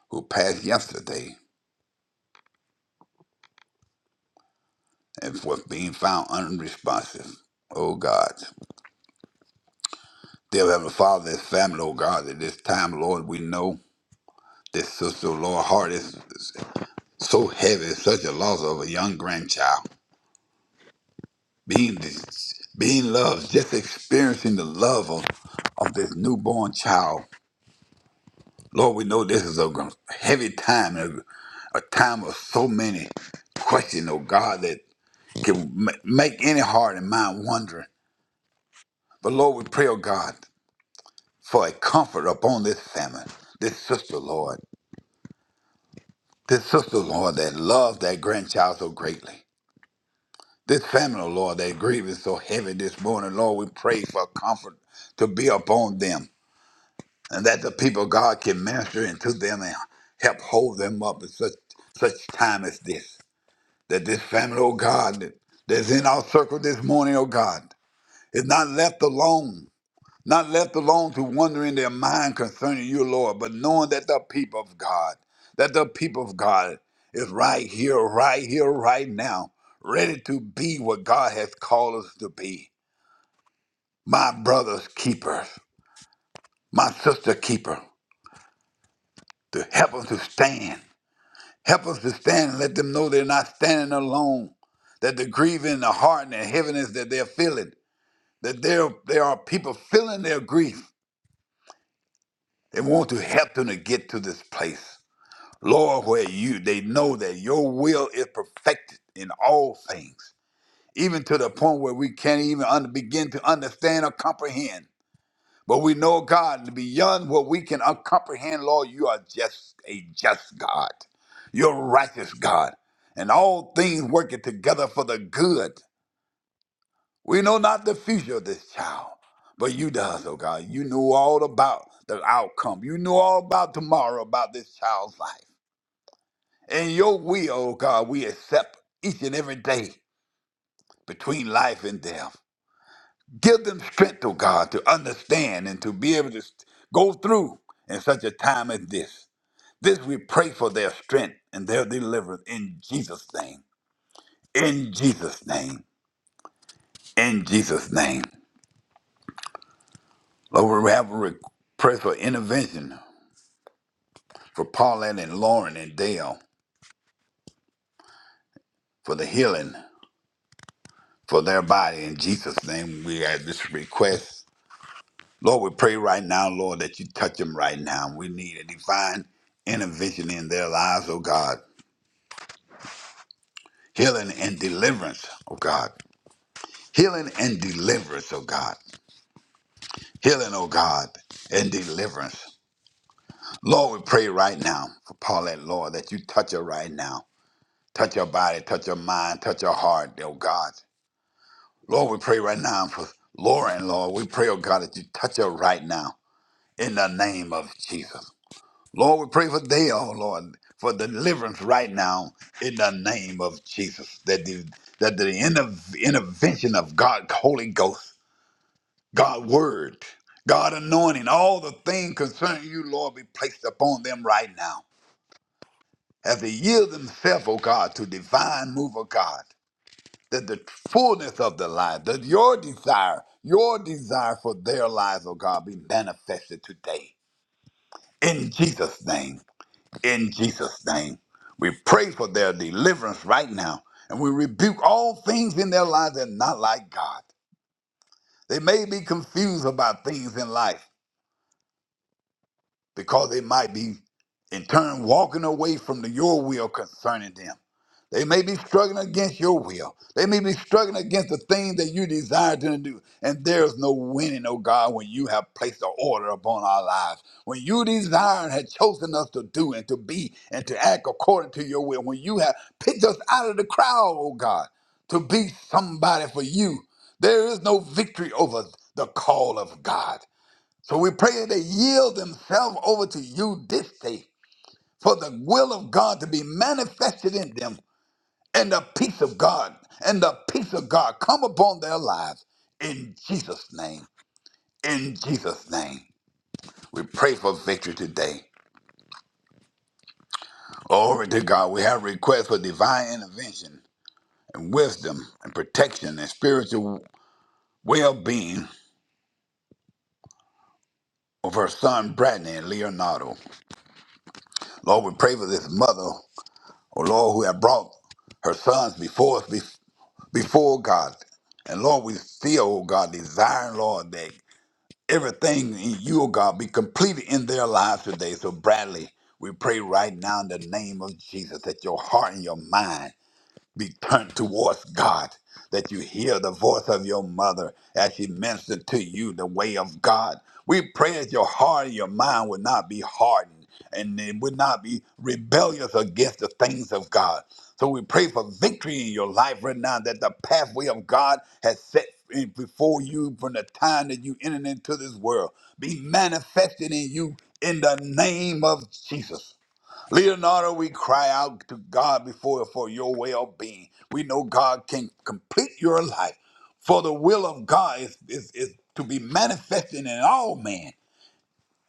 S3: who passed yesterday and was being found unresponsive. Oh God. Dear Heavenly Father, this family, oh God, at this time, Lord, we know this sister, Lord, heart is is so heavy, such a loss of a young grandchild. Being this, being loved, just experiencing the love of, of this newborn child Lord, we know this is a gr- heavy time, a, a time of so many questions, oh God, that can ma- make any heart and mind wondering. But Lord, we pray, oh God, for a comfort upon this family, this sister, Lord, this sister, Lord, that loves that grandchild so greatly. This family, oh Lord, that grieving so heavy this morning, Lord, we pray for comfort to be upon them and that the people of God can minister into them and help hold them up in such such time as this. that this family, oh God, that- that's in our circle this morning, oh God, is not left alone, not left alone to wonder in their mind concerning you, Lord, but knowing that the people of God, that the people of God is right here, right here, right now, ready to be what God has called us to be. My brother's keepers, my sister keeper, to help us to stand. Help us to stand and let them know they're not standing alone that the grieving, the heart, and the heaviness that they're feeling that there, there are people feeling their grief. They want to help them to get to this place. Lord, where you, they know that your will is perfected in all things, even to the point where we can't even under, begin to understand or comprehend. But we know, God, beyond what we can uh, comprehend, Lord, you are just a just God. You're righteous, God. And all things working together for the good We know not the future of this child, but you does, oh God. You knew all about the outcome. You knew all about tomorrow, about this child's life. In your will, oh God, we accept each and every day between life and death. Give them strength, oh God, to understand and to be able to st- go through in such a time as this. This we pray for their strength and their deliverance in Jesus' name. In Jesus' name. In Jesus' name. Lord, we have a request for intervention for Paulette and Lauren and Dale for the healing for their body. In Jesus' name, we have this request. Lord, we pray right now, Lord, that you touch them right now. We need a divine intervention in their lives, oh God. Healing and deliverance, oh God. Healing and deliverance, oh God. Healing, oh God, and deliverance. Lord, we pray right now for Paulette, Lord, that you touch her right now. Touch her body, touch her mind, touch her heart, oh God. Lord, we pray right now for Lauren, Lord. We pray, oh God, that you touch her right now in the name of Jesus. Lord, we pray for Dale, Lord, for deliverance right now in the name of Jesus. That the, that the inter- intervention of God, Holy Ghost, God Word, God anointing, all the things concerning you, Lord, be placed upon them right now. As they yield themselves, oh God, to divine move of God. that the fullness of the life, that your desire, your desire for their lives, oh God, be manifested today. In Jesus' name, in Jesus' name, we pray for their deliverance right now, and we rebuke all things in their lives that are not like God. They may be confused about things in life. because they might be in turn walking away from the, your will concerning them. They may be struggling against your will. They may be struggling against the thing that you desire to do. And there's no winning, oh God, when you have placed an order upon our lives. When you desire and had chosen us to do and to be and to act according to your will. When you have picked us out of the crowd, oh God, to be somebody for you. There is no victory over the call of God. So we pray they yield themselves over to you this day for the will of God to be manifested in them and the peace of God and the peace of God come upon their lives in Jesus' name. In Jesus' name. We pray for victory today. Glory to God. We have requests for divine intervention and wisdom and protection and spiritual well being of her son, Bradley and Leonardo. Lord, we pray for this mother, oh Lord, who have brought her sons before us before God. And Lord, we still, oh God, desiring, Lord, that everything in you, oh God, be completed in their lives today. So, Bradley, we pray right now in the name of Jesus that your heart and your mind be turned towards God, that you hear the voice of your mother as she ministers to you the way of God. We pray that your heart and your mind would not be hardened and it would not be rebellious against the things of God. So we pray for victory in your life right now that the pathway of God has set in before you from the time that you entered into this world be manifested in you in the name of Jesus. Leonardo, we cry out to God before for your well being. We know God can complete your life. For the will of God is, is, is to be manifested in all men.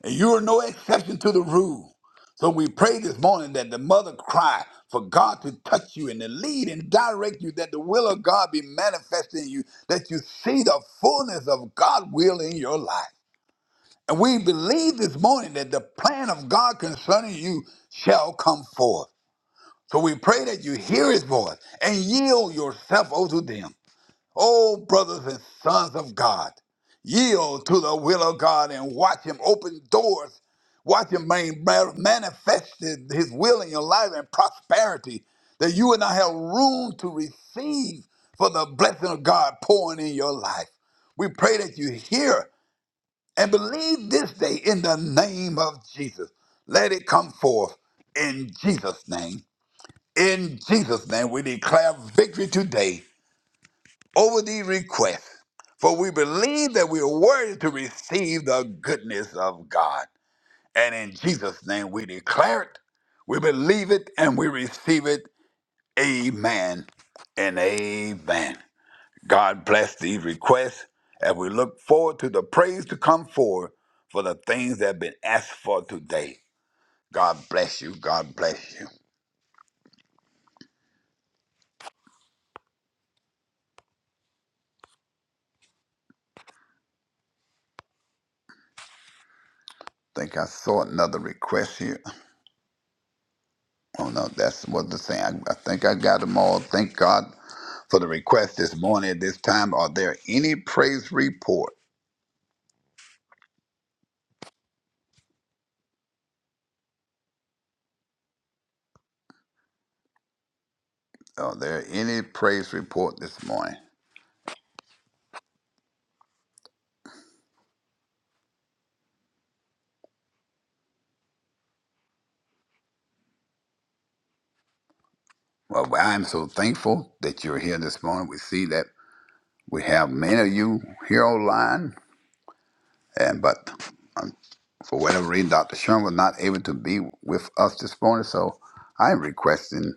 S3: And you are no exception to the rule. So we pray this morning that the mother cry for God to touch you and to lead and direct you, that the will of God be manifested in you, that you see the fullness of God will in your life. And we believe this morning that the plan of God concerning you shall come forth. So we pray that you hear his voice and yield yourself unto them. Oh, brothers and sons of God, yield to the will of God and watch him open doors. Watch him man- man- manifest his will in your life and prosperity that you and I have room to receive for the blessing of God pouring in your life. We pray that you hear and believe this day in the name of Jesus. Let it come forth in Jesus' name. In Jesus' name, we declare victory today over these requests, for we believe that we are worthy to receive the goodness of God. And in Jesus' name, we declare it, we believe it, and we receive it. Amen and amen. God bless these requests as we look forward to the praise to come forward for the things that have been asked for today. God bless you. God bless you. think I saw another request here. Oh no, that's what the thing. I, I think I got them all. Thank God for the request this morning at this time. Are there any praise report? Are there any praise report this morning? Well, well, I'm so thankful that you're here this morning. We see that we have many of you here online, and but um, for whatever reason, Dr. Sherman was not able to be with us this morning. So I'm requesting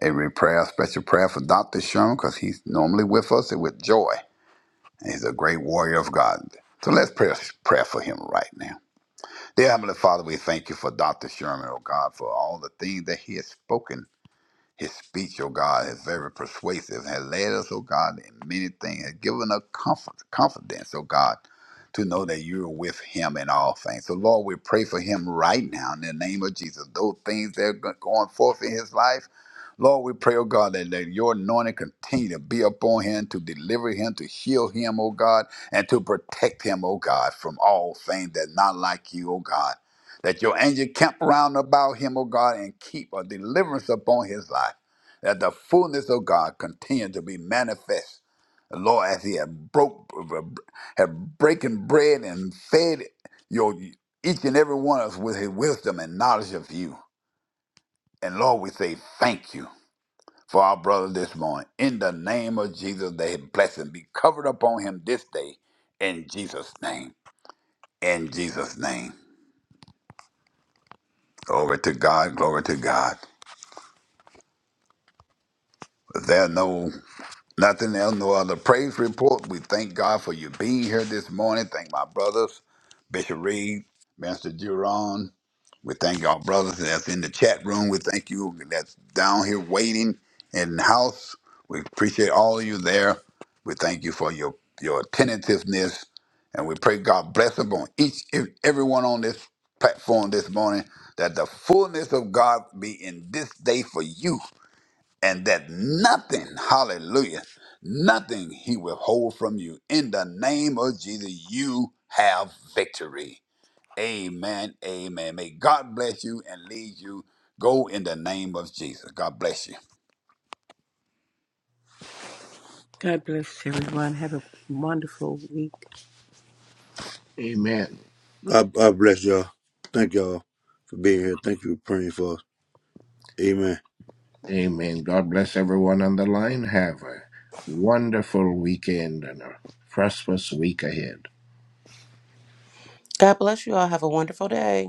S3: a re- prayer, a special prayer for Dr. Sherman because he's normally with us and with joy. He's a great warrior of God. So let's pray a prayer for him right now. Dear Heavenly Father, we thank you for Dr. Sherman, oh God, for all the things that he has spoken his speech, O God, is very persuasive, has led us, O God, in many things, has given us comfort, confidence, O God, to know that you're with him in all things. So, Lord, we pray for him right now in the name of Jesus. Those things that are go- going forth in his life, Lord, we pray, O God, that, that your anointing continue to be upon him, to deliver him, to heal him, O God, and to protect him, O God, from all things that's not like you, O God that your angel camp round about him, O God, and keep a deliverance upon his life, that the fullness of God continue to be manifest. Lord, as he had broke, had breaking bread and fed your each and every one of us with his wisdom and knowledge of you. And Lord, we say thank you for our brother this morning. In the name of Jesus, that his blessing be covered upon him this day. In Jesus' name. In Jesus' name. Glory to God. Glory to God. There no nothing else, no other praise report. We thank God for you being here this morning. Thank my brothers, Bishop Reed, Master Duron. We thank our brothers that's in the chat room. We thank you that's down here waiting in the house. We appreciate all of you there. We thank you for your your attentiveness, and we pray God bless upon each and everyone on this platform this morning that the fullness of God be in this day for you and that nothing, hallelujah, nothing he will hold from you. In the name of Jesus, you have victory. Amen. Amen. May God bless you and lead you. Go in the name of Jesus. God bless you.
S4: God bless everyone. Have a wonderful week. Amen.
S5: God, God bless y'all. Thank y'all for being here. Thank you for praying for us. Amen.
S4: Amen. God bless everyone on the line. Have a wonderful weekend and a prosperous week ahead.
S2: God bless you all. Have a wonderful day.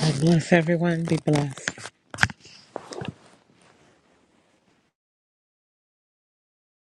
S7: God bless everyone. Be blessed.